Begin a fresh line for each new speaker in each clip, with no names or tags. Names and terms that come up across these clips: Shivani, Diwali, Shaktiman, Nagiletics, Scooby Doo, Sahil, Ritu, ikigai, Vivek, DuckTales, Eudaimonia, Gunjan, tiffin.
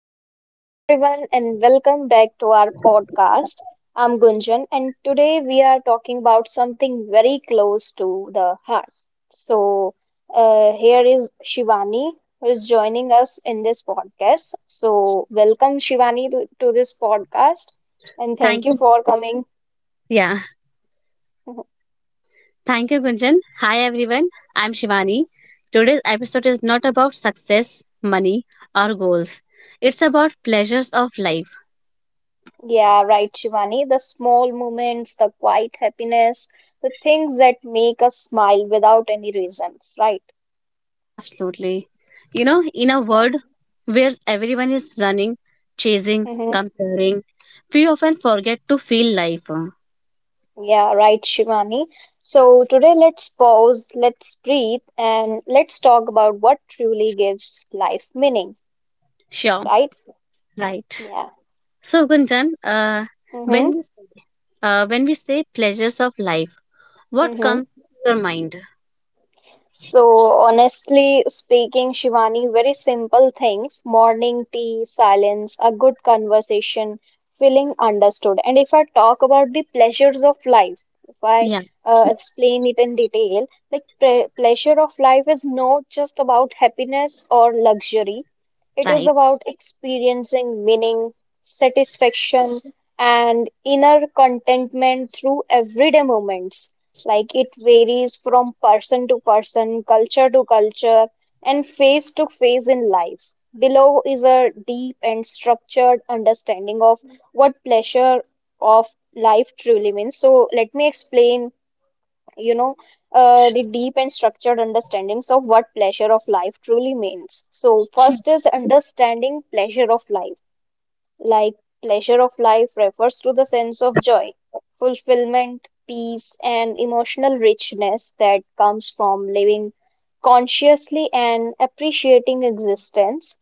So, hello everyone, and welcome back to our podcast. I'm Gunjan, and today we are talking about something very close to the heart. So, Here is Shivani who is joining us in this podcast. So, welcome Shivani to this podcast, and
Thank
thank you
you.
for coming.
Yeah. Thank you, Gunjan. Hi, everyone. I'm Shivani. Today's episode is not about success, money, or goals. It's about pleasures of life.
Yeah, right, Shivani. The small moments, the quiet happiness, the things that make us smile without any reasons, right?
Absolutely. You know, in a
Yeah.
world where everyone is running, chasing,
Mm-hmm.
comparing, we often forget to feel life.
Yeah, right, Shivani. So today let's pause, let's breathe, and let's talk about what truly gives life meaning,
Sure.
right?
Right.
Yeah.
So, Gunjan, when
Mm-hmm.
we when we say pleasures of life, what
Mm-hmm.
comes to your mind?
So, honestly speaking, Shivani, very simple things, morning tea, silence, a good conversation, feeling understood. And if I talk about the pleasures of life, if I
Yeah,
explain it in detail, like pre pleasure of life is not just about happiness or luxury. It is
right.
about experiencing meaning, satisfaction, and inner contentment through everyday moments. Like it varies from person to person, culture to culture, and phase to phase in life. Below is a deep and structured understanding of what pleasure of life truly means. So let me explain, you know, the deep and structured understandings of what pleasure of life truly means. So
Sure.
first is understanding pleasure of life. Like pleasure of life refers to the sense of joy, fulfillment, peace, and emotional richness that comes from living consciously and appreciating existence.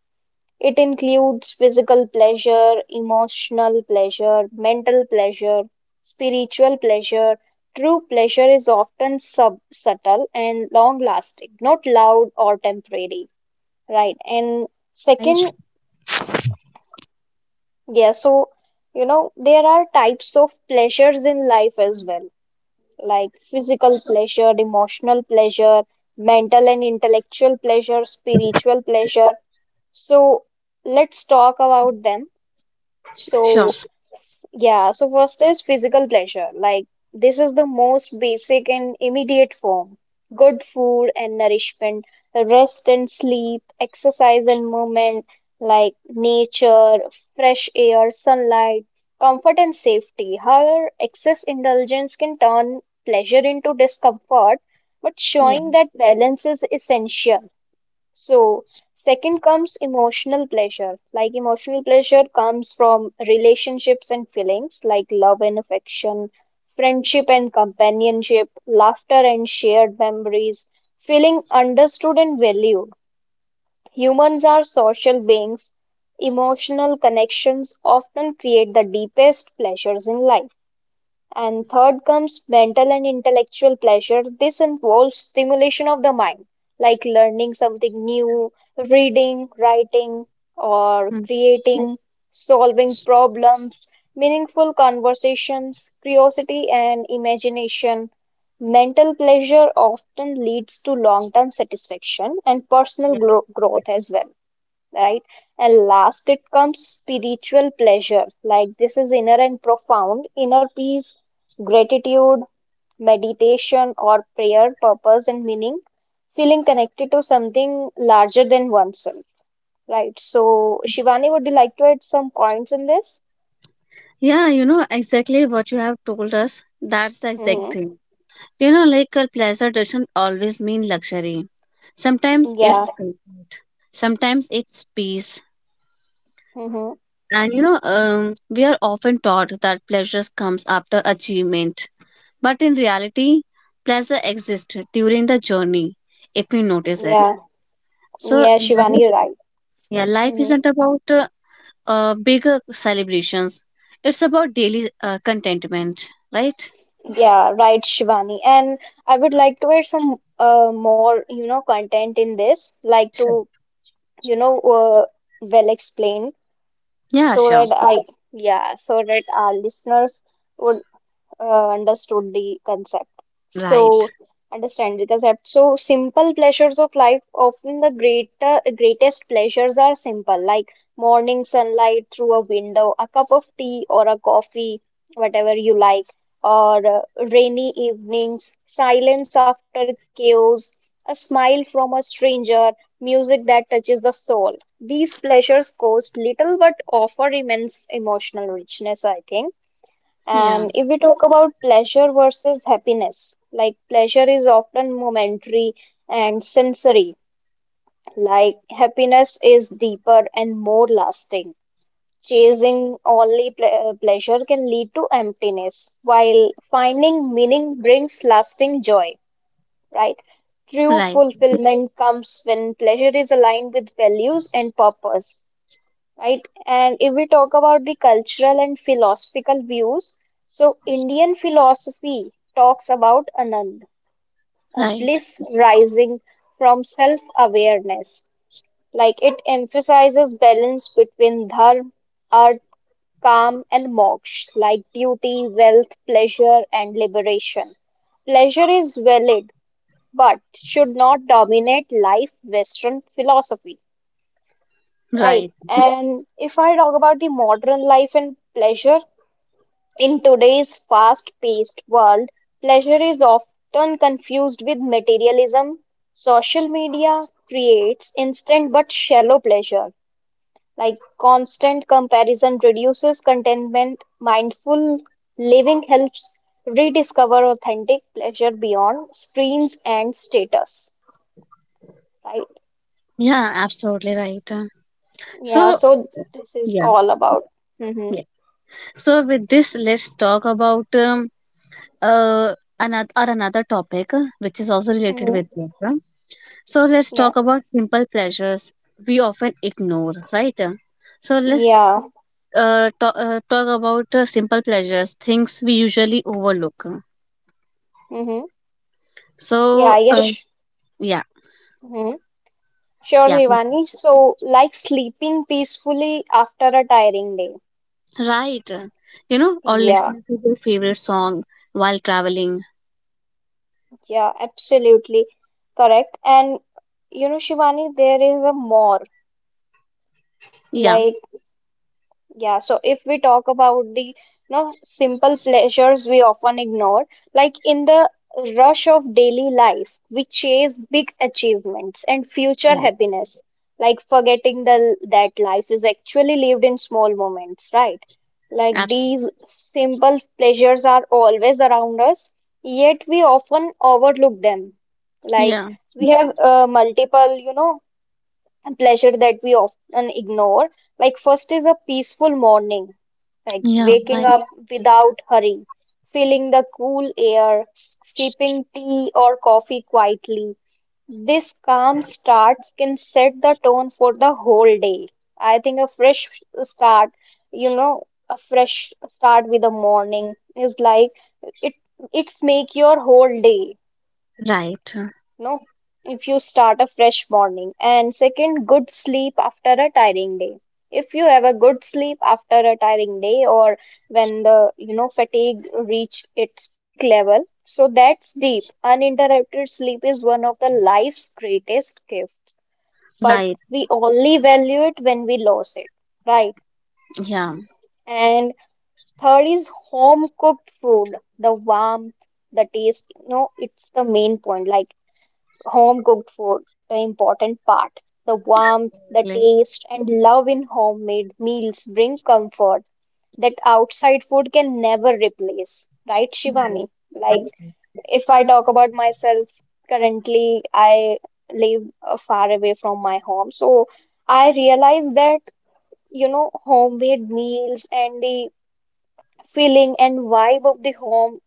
It includes physical pleasure, emotional pleasure, mental pleasure, spiritual pleasure. True pleasure is often subtle and long lasting, not loud or temporary, right? And
Right.
second, yeah, so you know, there are types of pleasures in life as well, like physical pleasure, emotional pleasure, mental and intellectual pleasure, spiritual pleasure. So let's talk about them.
Sure.
So yeah, so first is physical pleasure. Like, this is the most basic and immediate form. Good food and nourishment, rest and sleep, exercise and movement, like nature, fresh air, sunlight, comfort and safety. However, excess indulgence can turn pleasure into discomfort, but
Yeah.
showing that balance is essential. So, second comes emotional pleasure. Like, emotional pleasure comes from relationships and feelings like love and affection, friendship and companionship, laughter and shared memories, feeling understood and valued. Humans are social beings. Emotional connections often create the deepest pleasures in life. And third comes mental and intellectual pleasure. This involves stimulation of the mind, like learning something new, reading, writing, or
Mm.
creating, solving problems, meaningful conversations, curiosity, and imagination. Mental pleasure often leads to long term satisfaction and
Yeah.
personal growth as well, right? And last, it comes spiritual pleasure. Like this is inner and profound, inner peace, gratitude, meditation, or prayer, purpose, and meaning, feeling connected to something larger than oneself, right? So, Shivani, would you like to add some points in this?
Yeah, you know exactly what you have told us. That's the exact
Hmm.
thing. You know, like a pleasure doesn't always mean luxury. Sometimes
Yeah,
it's comfort. Sometimes it's peace.
hmm,
And you know, we are often taught that pleasure comes after achievement. But in reality, pleasure exists during the journey if we notice it.
yeah,
So,
yeah,
yeah.
Shivani, right.
Yeah, life
Hmm.
isn't about bigger celebrations. It's about daily contentment, right?
Yeah, right, Shivani. And I would like to add some more, you know, content in this, like
Sure.
to you know, uh, well explained
Yeah,
so
sure.
that yeah, so that our listeners would understood the concept.
Right.
So, understand the concept. So, simple pleasures of life, often the greatest pleasures are simple, like morning sunlight through a window, a cup of tea or a coffee, whatever you like, or rainy evenings, silence after chaos, a smile from a stranger, music that touches the soul. These pleasures cost little but offer immense emotional richness, I think.
Yeah,
And if we talk about pleasure versus happiness, like pleasure is often momentary and sensory, like happiness is deeper and more lasting. Chasing only pleasure can lead to emptiness, while finding meaning brings lasting joy, right? True
right,
fulfillment comes when pleasure is aligned with values and purpose, right? And if we talk about the cultural and philosophical views, so Indian philosophy talks about Anand, a
right,
bliss rising from self-awareness. Like it emphasizes balance between dharma, earth, calm, and moksha, like duty, wealth, pleasure, and liberation. Pleasure is valid, but should not dominate life Western philosophy. Right.
right.
And if I talk about the modern life and pleasure, in today's fast-paced world, pleasure is often confused with materialism. Social media creates instant but shallow pleasure. Like constant comparison reduces contentment, mindful living helps rediscover authentic pleasure beyond screens and status. Right.
Yeah, absolutely right.
Yeah,
So,
so this is
yeah,
all about. Mm-hmm.
yeah. So with this, let's talk about another topic which is also related with
Mm-hmm.
this. So let's
Yeah.
talk about simple pleasures we often ignore, right? Uh, So let's
Yeah.
uh, talk, uh, talk about simple pleasures, things we usually overlook.
Mm-hmm.
So,
Yeah,
uh,
yes.
yeah,
Mm-hmm. Sure,
yeah,
Rivani. So, like sleeping peacefully after a tiring day.
right. You know, or
Yeah,
listening to your favorite song while traveling.
yeah, absolutely correct. And you know, Shivani, there is a more.
Yeah,
Like yeah, so if we talk about the you know simple pleasures we often ignore, like in the rush of daily life, we chase big achievements and future
right.
happiness, like forgetting the that life is actually lived in small moments, right? Like
Absolutely.
these simple pleasures are always around us, yet we often overlook them. Like
Yeah,
we have multiple, you know, and pleasure that we often ignore. Like, first is a peaceful morning, like
yeah,
waking
right,
up without hurry, feeling the cool air, sipping tea or coffee quietly. This calm starts can set the tone for the whole day. I think a fresh start, you know, a fresh start with the morning is like it it's make your whole day,
right,
no, if you start a fresh morning. And second, good sleep after a tiring day. If you have a good sleep after a tiring day or when the, you know, fatigue reach its peak level, so that's deep. Uninterrupted sleep is one of the life's greatest gifts, but
right.
we only value it when we lose it, right?
Yeah,
And third is home cooked food, the warmth, the taste. No, it's the main point. Like home cooked food, the important part. The warmth, the
exactly.
taste, and love in homemade meals bring comfort that outside food can never replace. Right, Shivani? Like, if I talk about myself, currently I live far away from my home. So I realize that, you know, homemade meals and the feeling and vibe of the home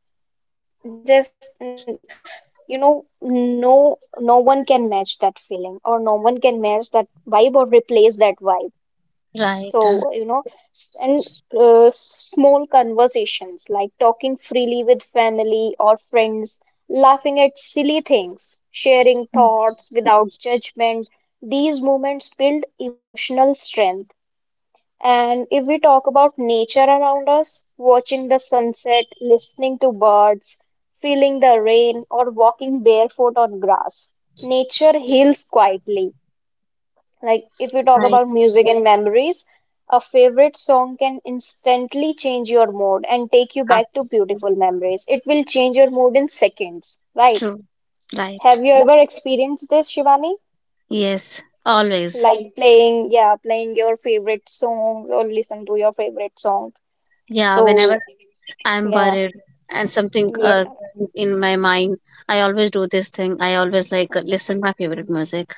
just mm, you know, no one can match that feeling or no one can match that vibe or replace that vibe,
Right,
so you know, and small conversations like talking freely with family or friends, laughing at silly things, sharing thoughts without judgment, these moments build emotional strength. And if we talk about nature around us, watching the sunset, listening to birds, feeling the rain, or walking barefoot on grass, nature heals quietly. Like if we talk
right.
about music and memories, a favorite song can instantly change your mood and take you back to
Absolutely.
beautiful memories. It will change your mood in seconds, right?
True. Right.
Have you ever experienced this, Shivani?
Yes. Always.
Like playing, yeah, playing your favorite song or listen to your favorite song.
Yeah. Whenever
So,
I'm
yeah,
worried and something
yeah,
in my mind. I always do this thing. I always like listen my favorite music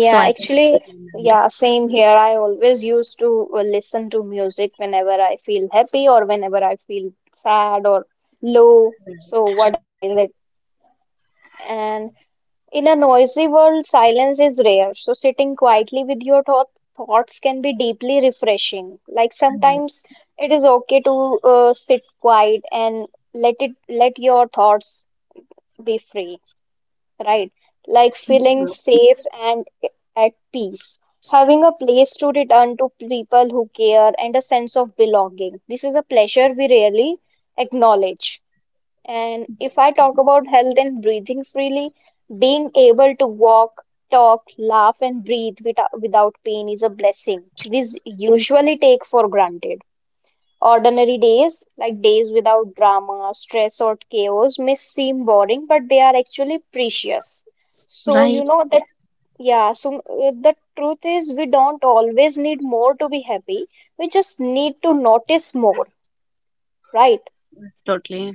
so I can do it
Actually,
with my
yeah, same here. I always used to listen to music whenever I feel happy or whenever I feel sad or low. So, whatever is it. And in a noisy world, silence is rare. So, sitting quietly with your thoughts can be deeply refreshing. Like
mind.
sometimes it is okay to sit quiet and let your thoughts be free, right? Like feeling
Mhm.
safe and at peace, having a place to return to people who care, and a sense of belonging. This is a pleasure we rarely acknowledge. And if I talk about health and breathing freely, being able to walk, talk, laugh, and breathe without pain is a blessing we usually take for granted. Ordinary days, like days without drama, stress, or chaos, may seem boring, but they are actually precious. So, you
Right,
know that, yeah, so the truth is we don't always need more to be happy. We just need to notice more, right?
totally.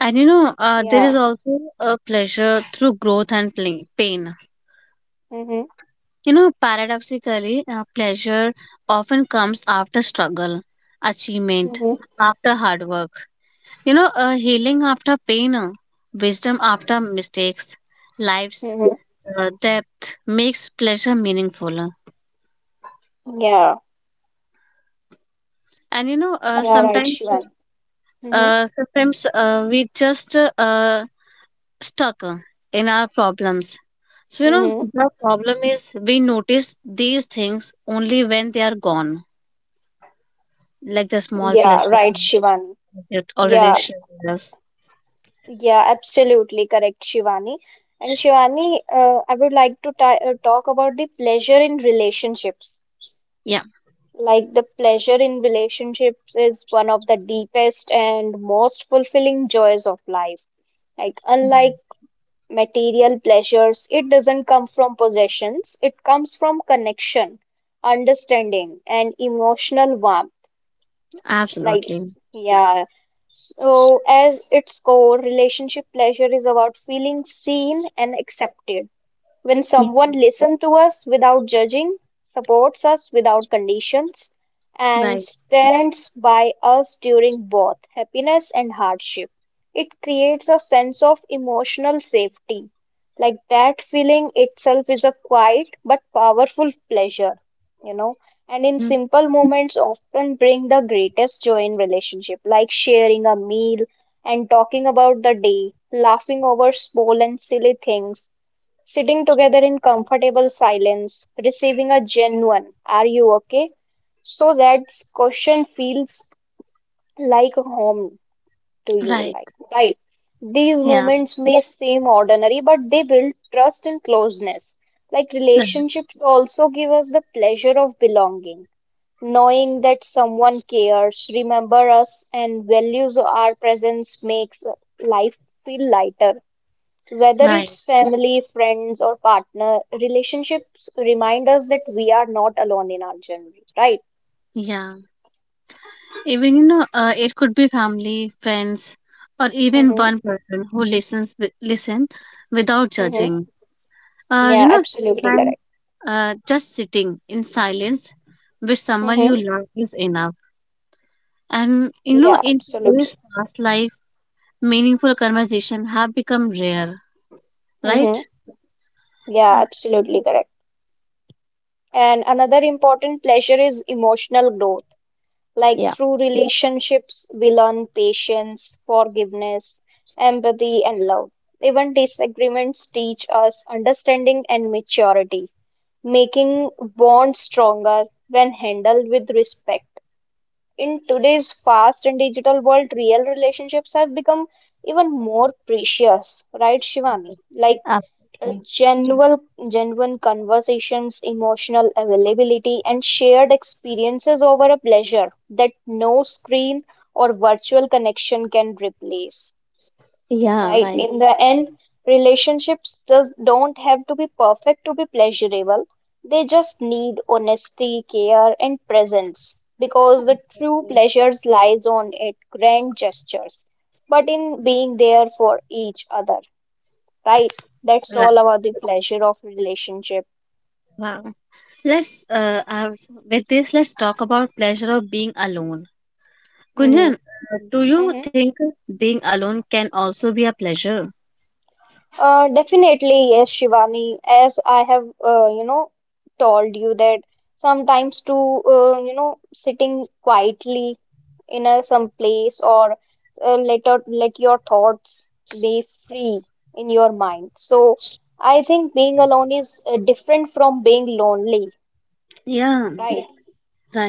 And you know, there
Yeah.
is also a pleasure through growth and pain.
Mm-hmm.
You know, paradoxically, pleasure often comes after struggle, achievement,
Mm-hmm.
after hard work. You know, a healing after pain, wisdom after mistakes, life's
Mm-hmm.
depth makes pleasure meaningful.
Yeah.
And you know, uh,
Yeah, right,
sometimes,
Shivan. Mm-hmm.
uh, sometimes uh, we just stuck in our problems. So you know,
Mm-hmm.
the problem is we notice these things only when they are gone, like the small
Yeah,
pleasure
right, Shivan.
you already
Yeah.
shared with us.
Yeah, absolutely correct, Shivani. And Shivani, I would like to ta talk about the pleasure in relationships.
Yeah,
Like the pleasure in relationships is one of the deepest and most fulfilling joys of life. Like unlike material pleasures, it doesn't come from possessions, it comes from connection, understanding, and emotional warmth. Like,
absolutely.
yeah. So, as its core, relationship pleasure is about feeling seen and accepted. When
Yeah,
someone listens to us without judging, supports us without conditions, and
right.
stands by us during both happiness and hardship, it creates a sense of emotional safety. Like that feeling itself is a quiet but powerful pleasure, you know. And in
Mm,
simple moments, often bring the greatest joy in relationship, like sharing a meal and talking about the day, laughing over small and silly things, sitting together in comfortable silence, receiving a genuine, "Are you okay?" So that question feels like home to you,
right.
like, right? These
Yeah.
moments may seem ordinary, but they build trust and closeness. Like relationships also give us the pleasure of belonging, knowing that someone cares, remember us, and values our presence makes life feel lighter. Whether
Right.
it's family, friends, or partner, relationships remind us that we are not alone in our journey, right?
Yeah, even you know, it could be family, friends, or even
Mm-hmm.
one person who listen without
Mm-hmm.
judging. You
Yeah,
know,
absolutely
sometimes
correct.
just sitting in silence with someone you
Mm-hmm.
love is enough. And you know,
Yeah,
in
absolutely.
today's fast life, meaningful conversation have become rare,
Mm-hmm.
right? Uh,
Yeah, absolutely correct. And another important pleasure is emotional growth. Like
Yeah.
through relationships, we learn patience, forgiveness, empathy, and love. Even disagreements teach us understanding and maturity. Making bonds stronger when handled with respect. In today's fast and digital world, real relationships have become even more precious, right, Shivani? Like
uh,
uh, genuine, genuine conversations, emotional availability, and shared experiences over a pleasure that no screen or virtual connection can replace,
yeah,
right?
right.
In the end, don't have to be perfect to be pleasurable. They just need honesty, care, and presence, because the true pleasures lies on it grand gestures, but in being there for each other, right? That's
Right.
all about the pleasure of relationship.
Wow. Let's With this, let's talk about pleasure of being alone. Kunjan,
Mm-hmm.
do you
Mm-hmm.
think being alone can also be a pleasure?
Definitely, yes, Shivani. As I have, told you that sometimes to, you know, sitting quietly in a, some place, or let your thoughts be free in your mind. So I think being alone is different from being lonely,
Yeah,
right?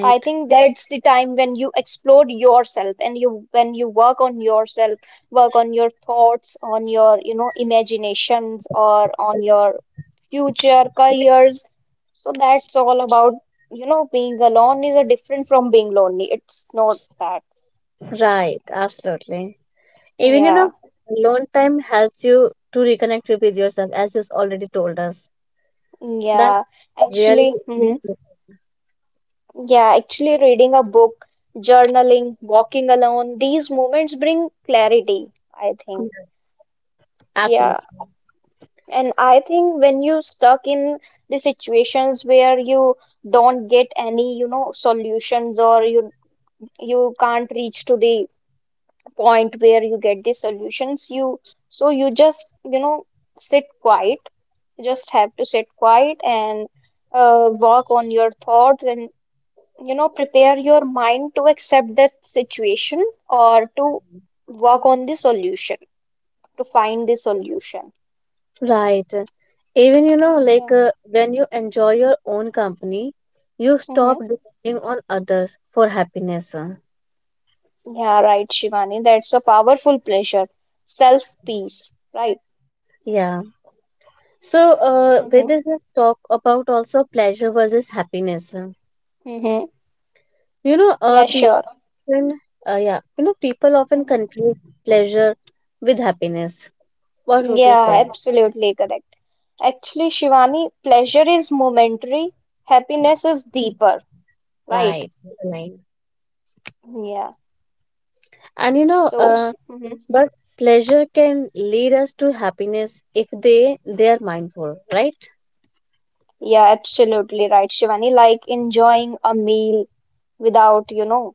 I think that's the time when you explore yourself and you when you work on yourself, work on your thoughts, on your imaginations, or on your future careers. So that's all about, you know, being alone is a different from being lonely. It's not that.
Right, absolutely. Even you know,
Yeah,
alone time helps you to reconnect with yourself, as you've already told us. That
yeah.
really,
Actually, mhm. Yeah, actually reading a book, journaling, walking alone, these moments bring clarity, I think. Yeah.
absolutely
And I think when you stuck in the situations where you don't get any, you know, solutions, or you can't reach to the point where you get the solutions, you so you just, you know, sit quiet. You just have to sit quiet and work on your thoughts and, you know, prepare your mind to accept that situation, or to work on the solution, to find the solution.
right. Even you know,
Yeah.
like when you enjoy your own company, you stop
Mhm.
depending on others for happiness.
Yeah, right, Shivani. That's a powerful pleasure. Self peace, right?
Yeah. So, with
Mm-hmm.
this, let's talk about also pleasure versus happiness. Huh?
Mm-hmm.
You know,
Yeah, sure.
often, people often
Mm-hmm.
confuse pleasure with happiness. What would you say?
Yeah, absolutely correct. Actually, Shivani, pleasure is momentary, happiness is deeper, right?
Right, right.
Yeah.
And you know,
So, hmm
but pleasure can lead us to happiness if they are mindful, right?
yeah, absolutely right, Shivani. Like enjoying a meal without, you know.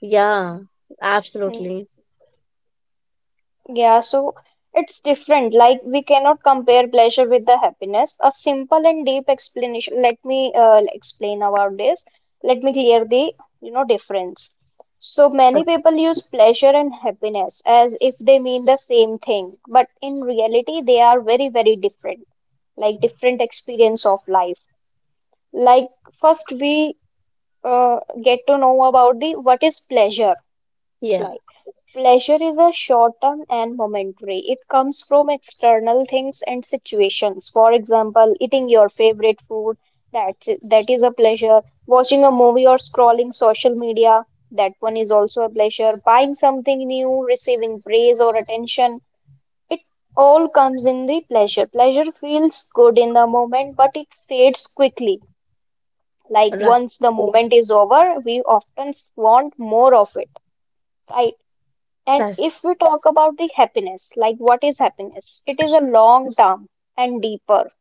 Yeah, absolutely.
Yeah, so it's different. Like we cannot compare pleasure with the happiness. A simple and deep explanation. Let me explain about this. Let me clear the, you know, difference. So many people use pleasure and happiness as if they mean the same thing, but in reality they are very, very different. Like different experience of life. Like first we get to know about the what is pleasure
Yeah,
like. Pleasure is a short-term and momentary. It comes from external things and situations. For example, eating your favorite food, that is a pleasure. Watching a movie or scrolling social media, that one is also a pleasure. Buying something new, receiving praise or attention, it all comes in the pleasure. Pleasure feels good in the moment, but it fades quickly. Like
right.
once the moment is over, we often want more of it, right? And
That's
if we talk about the happiness, like what is happiness? It is a long term and deeper.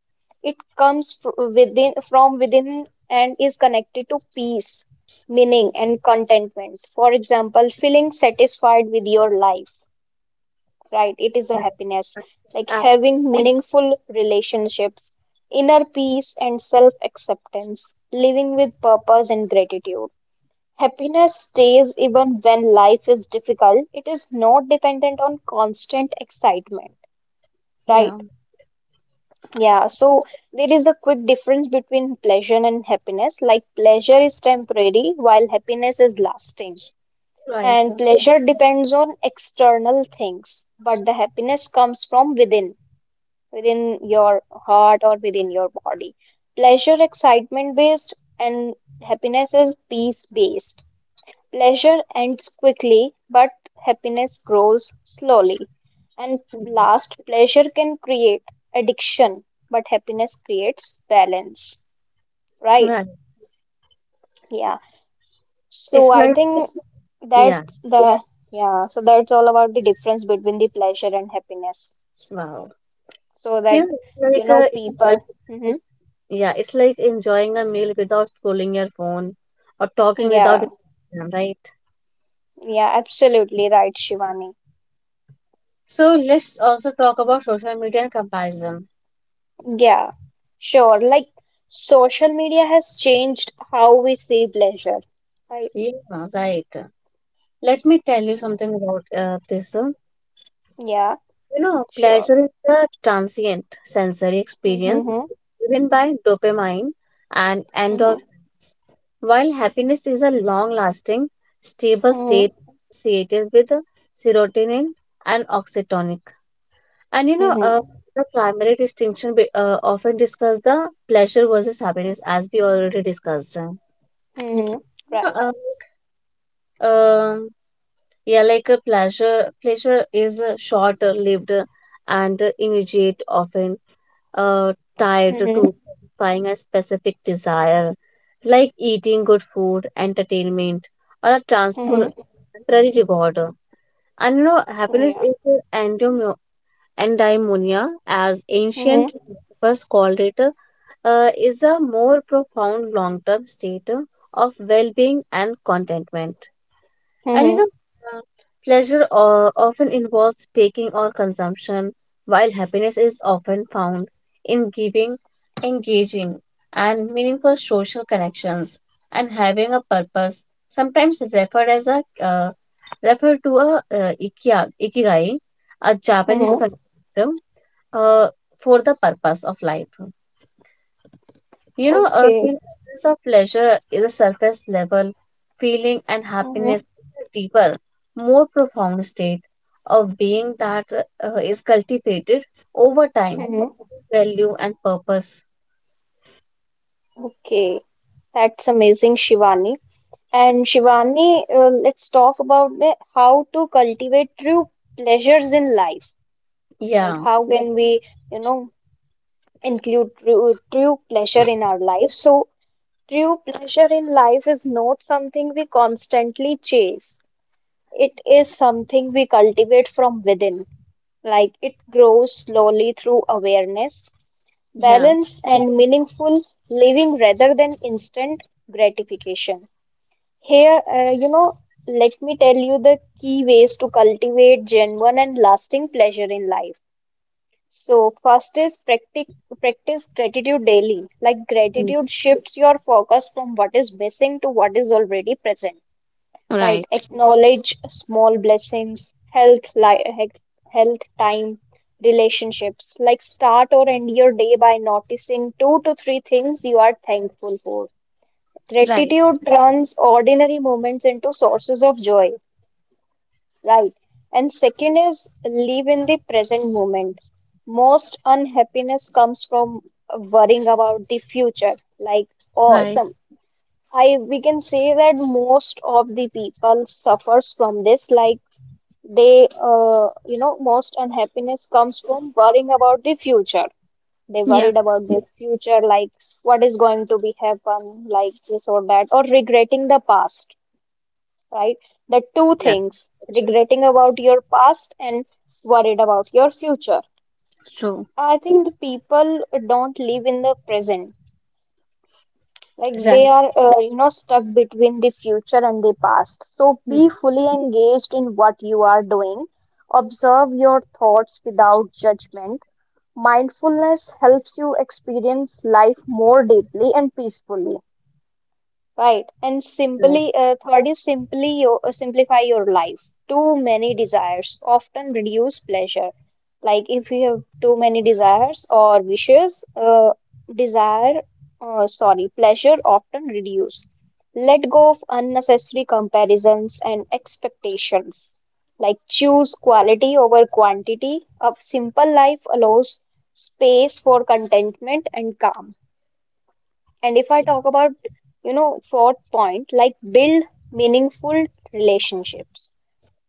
It comes within from within and is connected to peace, meaning and contentment. For example, feeling satisfied with your life, right? It is a happiness. Like
ab-
having meaningful relationships, inner peace and self-acceptance, living with purpose and gratitude. Happiness stays even when life is difficult. It is not dependent on constant excitement, right?
yeah,
Yeah, so there is a quick difference between pleasure and happiness. Like pleasure is temporary, while happiness is lasting.
right,
And pleasure depends on external things, but the happiness comes from within, within your heart or within your body. Pleasure excitement based and happiness is peace based. Pleasure ends quickly, but happiness grows slowly. And
right.
last, pleasure can create addiction, but happiness creates balance, right?
Right.
Yeah. So
It's
I
like,
think
yeah,
that's the, yeah, so that's all about the difference between the pleasure and happiness.
wow.
So
You
that,
know,
you
it's
know,
like a,
people,
yeah, it's like enjoying a meal without scrolling your phone or talking without
yeah,
Instagram, right?
yeah, absolutely right, Shivani.
So let's also talk about social media and comparison.
Yeah, sure. Like social media has changed how we see pleasure. Right.
Yeah, right. Let me tell you
Mm,
something about this.
yeah,
You know,
sure.
pleasure is a transient sensory experience
Mm-hmm.
driven by dopamine and
Mm-hmm.
endorphins, while happiness is a long-lasting, stable state
Mm-hmm.
associated with serotonin and oxytocin. And you know,
Mm-hmm.
the primary distinction often discuss the pleasure versus happiness, as we already discussed. You
Mm-hmm.
know,
Right.
like, um, like pleasure is short-lived and immediate, often uh, tied
Mm-hmm.
to satisfying a specific desire, like eating good food, entertainment, or a
Mm-hmm.
temporary reward. And you know, happiness
Yeah.
is endure Eudaimonia, as
Mm-hmm.
ancient philosophers called it, is a more profound long term state of well being and contentment. And you
Mm-hmm.
know, uh, pleasure often involves taking or consumption, while happiness is often found in giving, engaging, and meaningful social connections and having a purpose, sometimes referred to a ikigai, a Japanese
Mm-hmm.
term uh, for the purpose of life. You know, a
Okay.
sense of pleasure is a surface level feeling, and
Mm-hmm.
happiness is a deeper, more profound state of being that is cultivated over time,
Mm-hmm.
value, and purpose.
Okay. That's amazing, Shivani. And Shivani, let's talk about the, how to cultivate true pleasures in life. Like
Yeah.
how can we, you know, include true pleasure in our life? So, true pleasure in life is not something we constantly chase. It is something we cultivate from within, like it grows slowly through awareness,
Yeah.
balance, and meaningful living rather than instant gratification. Here, you know, let me tell you the key ways to cultivate genuine and lasting pleasure in life. So, first is practice gratitude daily. Like
Mm.
gratitude shifts your focus from what is missing to what is already present. Right.
Right.
Acknowledge small blessings, health, health, time, relationships. Like start or end your day by noticing two to three things you are thankful for.
Right.
Gratitude turns ordinary moments into sources of joy. Right. And second is live in the present moment. Most unhappiness comes from worrying about the future. Like, or
Right.
some, I we can say that most of the people suffers from this. Like they, you know, most unhappiness comes from worrying about the future. They
Yeah.
worried about their future, like what is going to be happen, like this or that, or regretting the past, right? The two
Yeah.
things, regretting about your past and worried about your future.
True.
I think the people don't live in the present. Like they
Right.
are, you know, stuck between the future and the past. So
Mm.
be fully engaged in what you are doing. Observe your thoughts without judgment. Mindfulness helps you experience life more deeply and peacefully. Right. And
Right.
simply, third is simply your, simplify your life. Too many desires often reduce pleasure. Like if you have too many desires or wishes, desire, sorry, pleasure often reduce. Let go of unnecessary comparisons and expectations. Like choose quality over quantity. A simple life allows space for contentment and calm. And if I talk about, you know, fourth point, like build meaningful relationships.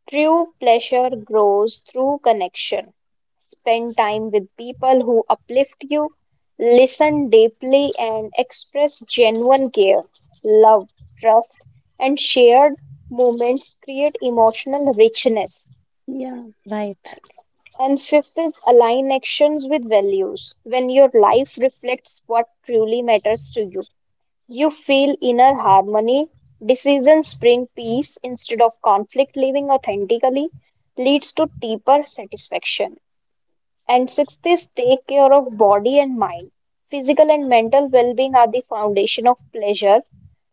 True pleasure grows through connection. Spend time with people who uplift you, listen deeply, and express genuine care, love, trust, and shared moments create emotional richness.
Yeah. Right.
Right. And fifth is align actions with values. When your life reflects what truly matters to you, you feel inner harmony. Decisions bring peace instead of conflict. Living authentically leads to deeper satisfaction. And sixth is take care of body and mind. Physical and mental well being are the foundation of pleasure.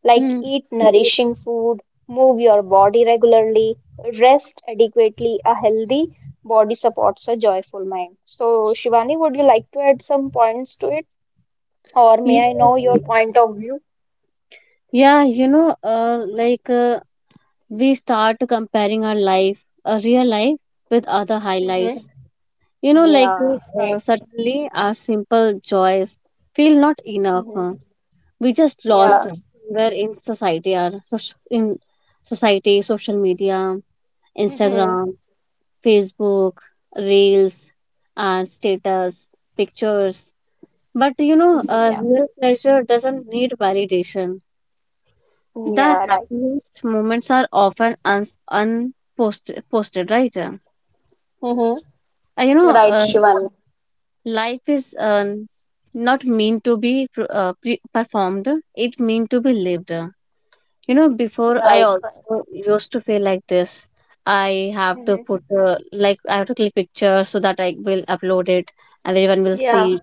Like
Mm.
eat nourishing food, move your body regularly, rest adequately. A healthy body supports a joyful mind. So, Shivani, would you like to add some points to it? Or
You
may I
know,
know your point of view?
yeah, you know, uh, like. Uh, we start comparing our life, a real life, with other
Mhm.
highlights. You know, like
Yeah, right.
suddenly our simple joys feel not enough.
Mm-hmm.
We just
Yeah.
lost where in society, our soc- in society, social media,
Mm-hmm.
Instagram, Facebook, reels, and status pictures. But you know,
Mm-hmm. Yeah.
real pleasure doesn't need validation.
Mm,
The
yeah, right.
happiest moments are often unposted, posted, right?
Mm-hmm.
uh, you know
Right,
uh,
Shivan.
Life is not meant to be performed, it meant to be lived. You know, before I
Right, right.
also used to feel like this. I have to
Mm-hmm.
put like I have to click pictures so that I will upload it, everyone will
Yeah.
see.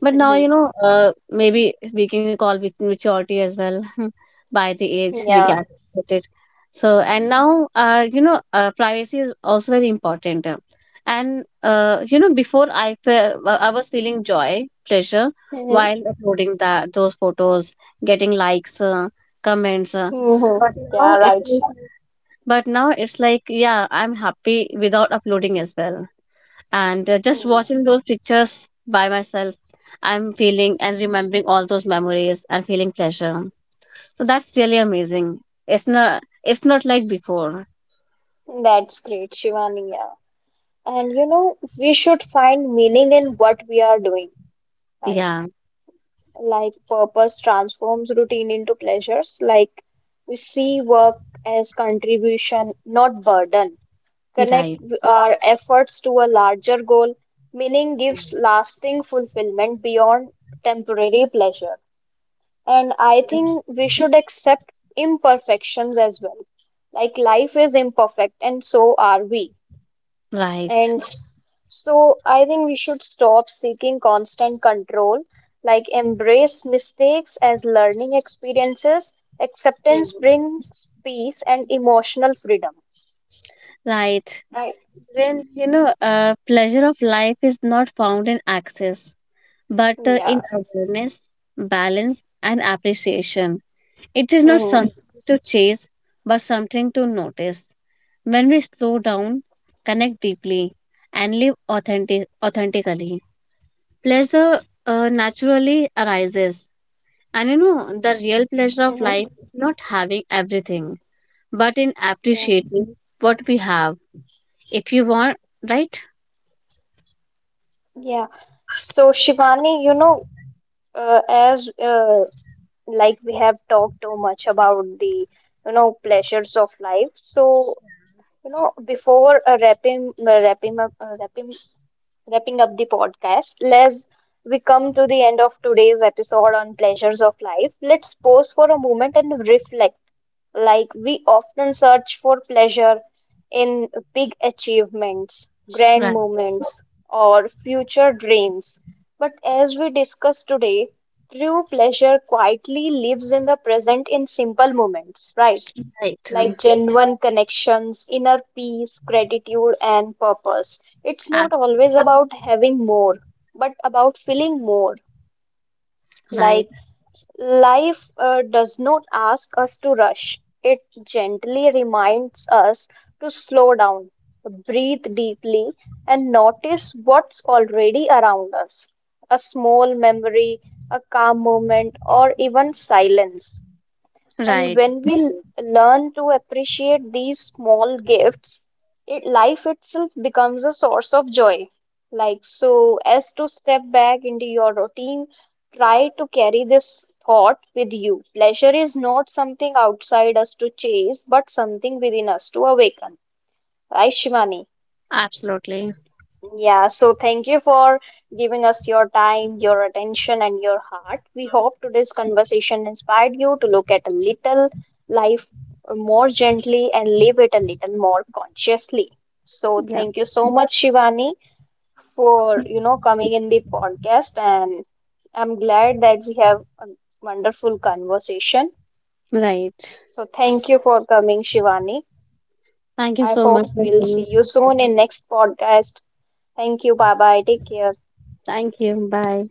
But now, you
Mm-hmm.
know, maybe we can call it maturity as well by the age we
Yeah.
get it. So, and now, you know, privacy is also very important. And, you know, before I was feeling joy, pleasure
Mm-hmm.
while uploading that those photos, getting likes, comments.
Mm-hmm.
But now
Yeah,
it's
right.
like, but now it's like, yeah, I'm happy without uploading as well, and just
Mm.
watching those pictures by myself, I'm feeling and remembering all those memories and feeling pleasure. So that's really amazing. It's not, it's not like before.
That's great, Shivani. Yeah. And you know, we should find meaning in what we are doing, right?
Yeah,
Like purpose transforms routine into pleasures. Like we see work as contribution, not burden.
you're
Connect
right.
our efforts to a larger goal. Meaning gives lasting fulfillment beyond temporary pleasure. And I think we should accept imperfections as well. Like life is imperfect, and so are we.
Right.
And so I think we should stop seeking constant control, like embrace mistakes as learning experiences.
Yeah.
Acceptance brings peace and emotional freedom.
Right.
Right.
Well, you know, pleasure of life is not found in access, but
Yeah.
in awareness, balance, and appreciation. It is not
Mm-hmm.
something to chase, but something to notice. When we slow down, connect deeply, and live authentically, pleasure naturally arises. And you know, the real pleasure of life is not having everything, but in
Yeah,
appreciating what we have. If you want, right?
yeah. So Shivani, you know, as like we have talked too much about the, you know, pleasures of life. So you know, before wrapping up the podcast, let's we come to the end of today's episode on pleasures of life. Let's pause for a moment and reflect. Like we often search for pleasure in big achievements, grand
Right.
moments, or future dreams. But as we discussed today, true pleasure quietly lives in the present in simple moments, right?
Right.
Like genuine connections, inner peace, gratitude, and purpose. It's not
Ab-
always about having more, but about feeling more.
Right.
Like life does not ask us to rush, it gently reminds us to slow down, breathe deeply, and notice what's already around us. A small memory, a calm moment, or even silence. And
Right.
when we learn to appreciate these small gifts, it, life itself becomes a source of joy. Like, so as to step back into your routine, try to carry this thought with you. Pleasure is not something outside us to chase, but something within us to awaken. Right, Shivani?
Absolutely.
Yeah, so thank you for giving us your time, your attention, and your heart. We hope today's conversation inspired you to look at a little life more gently and live it a little more consciously. So
Yeah.
thank you so much, Shivani, for you know coming in the podcast, and I'm glad that we have a wonderful conversation.
Right.
So thank you for coming, Shivani.
Thank you
I
so
hope
much.
we'll see
Ritu.
you soon in next podcast. Thank you. Bye bye. Take care.
Thank you. Bye.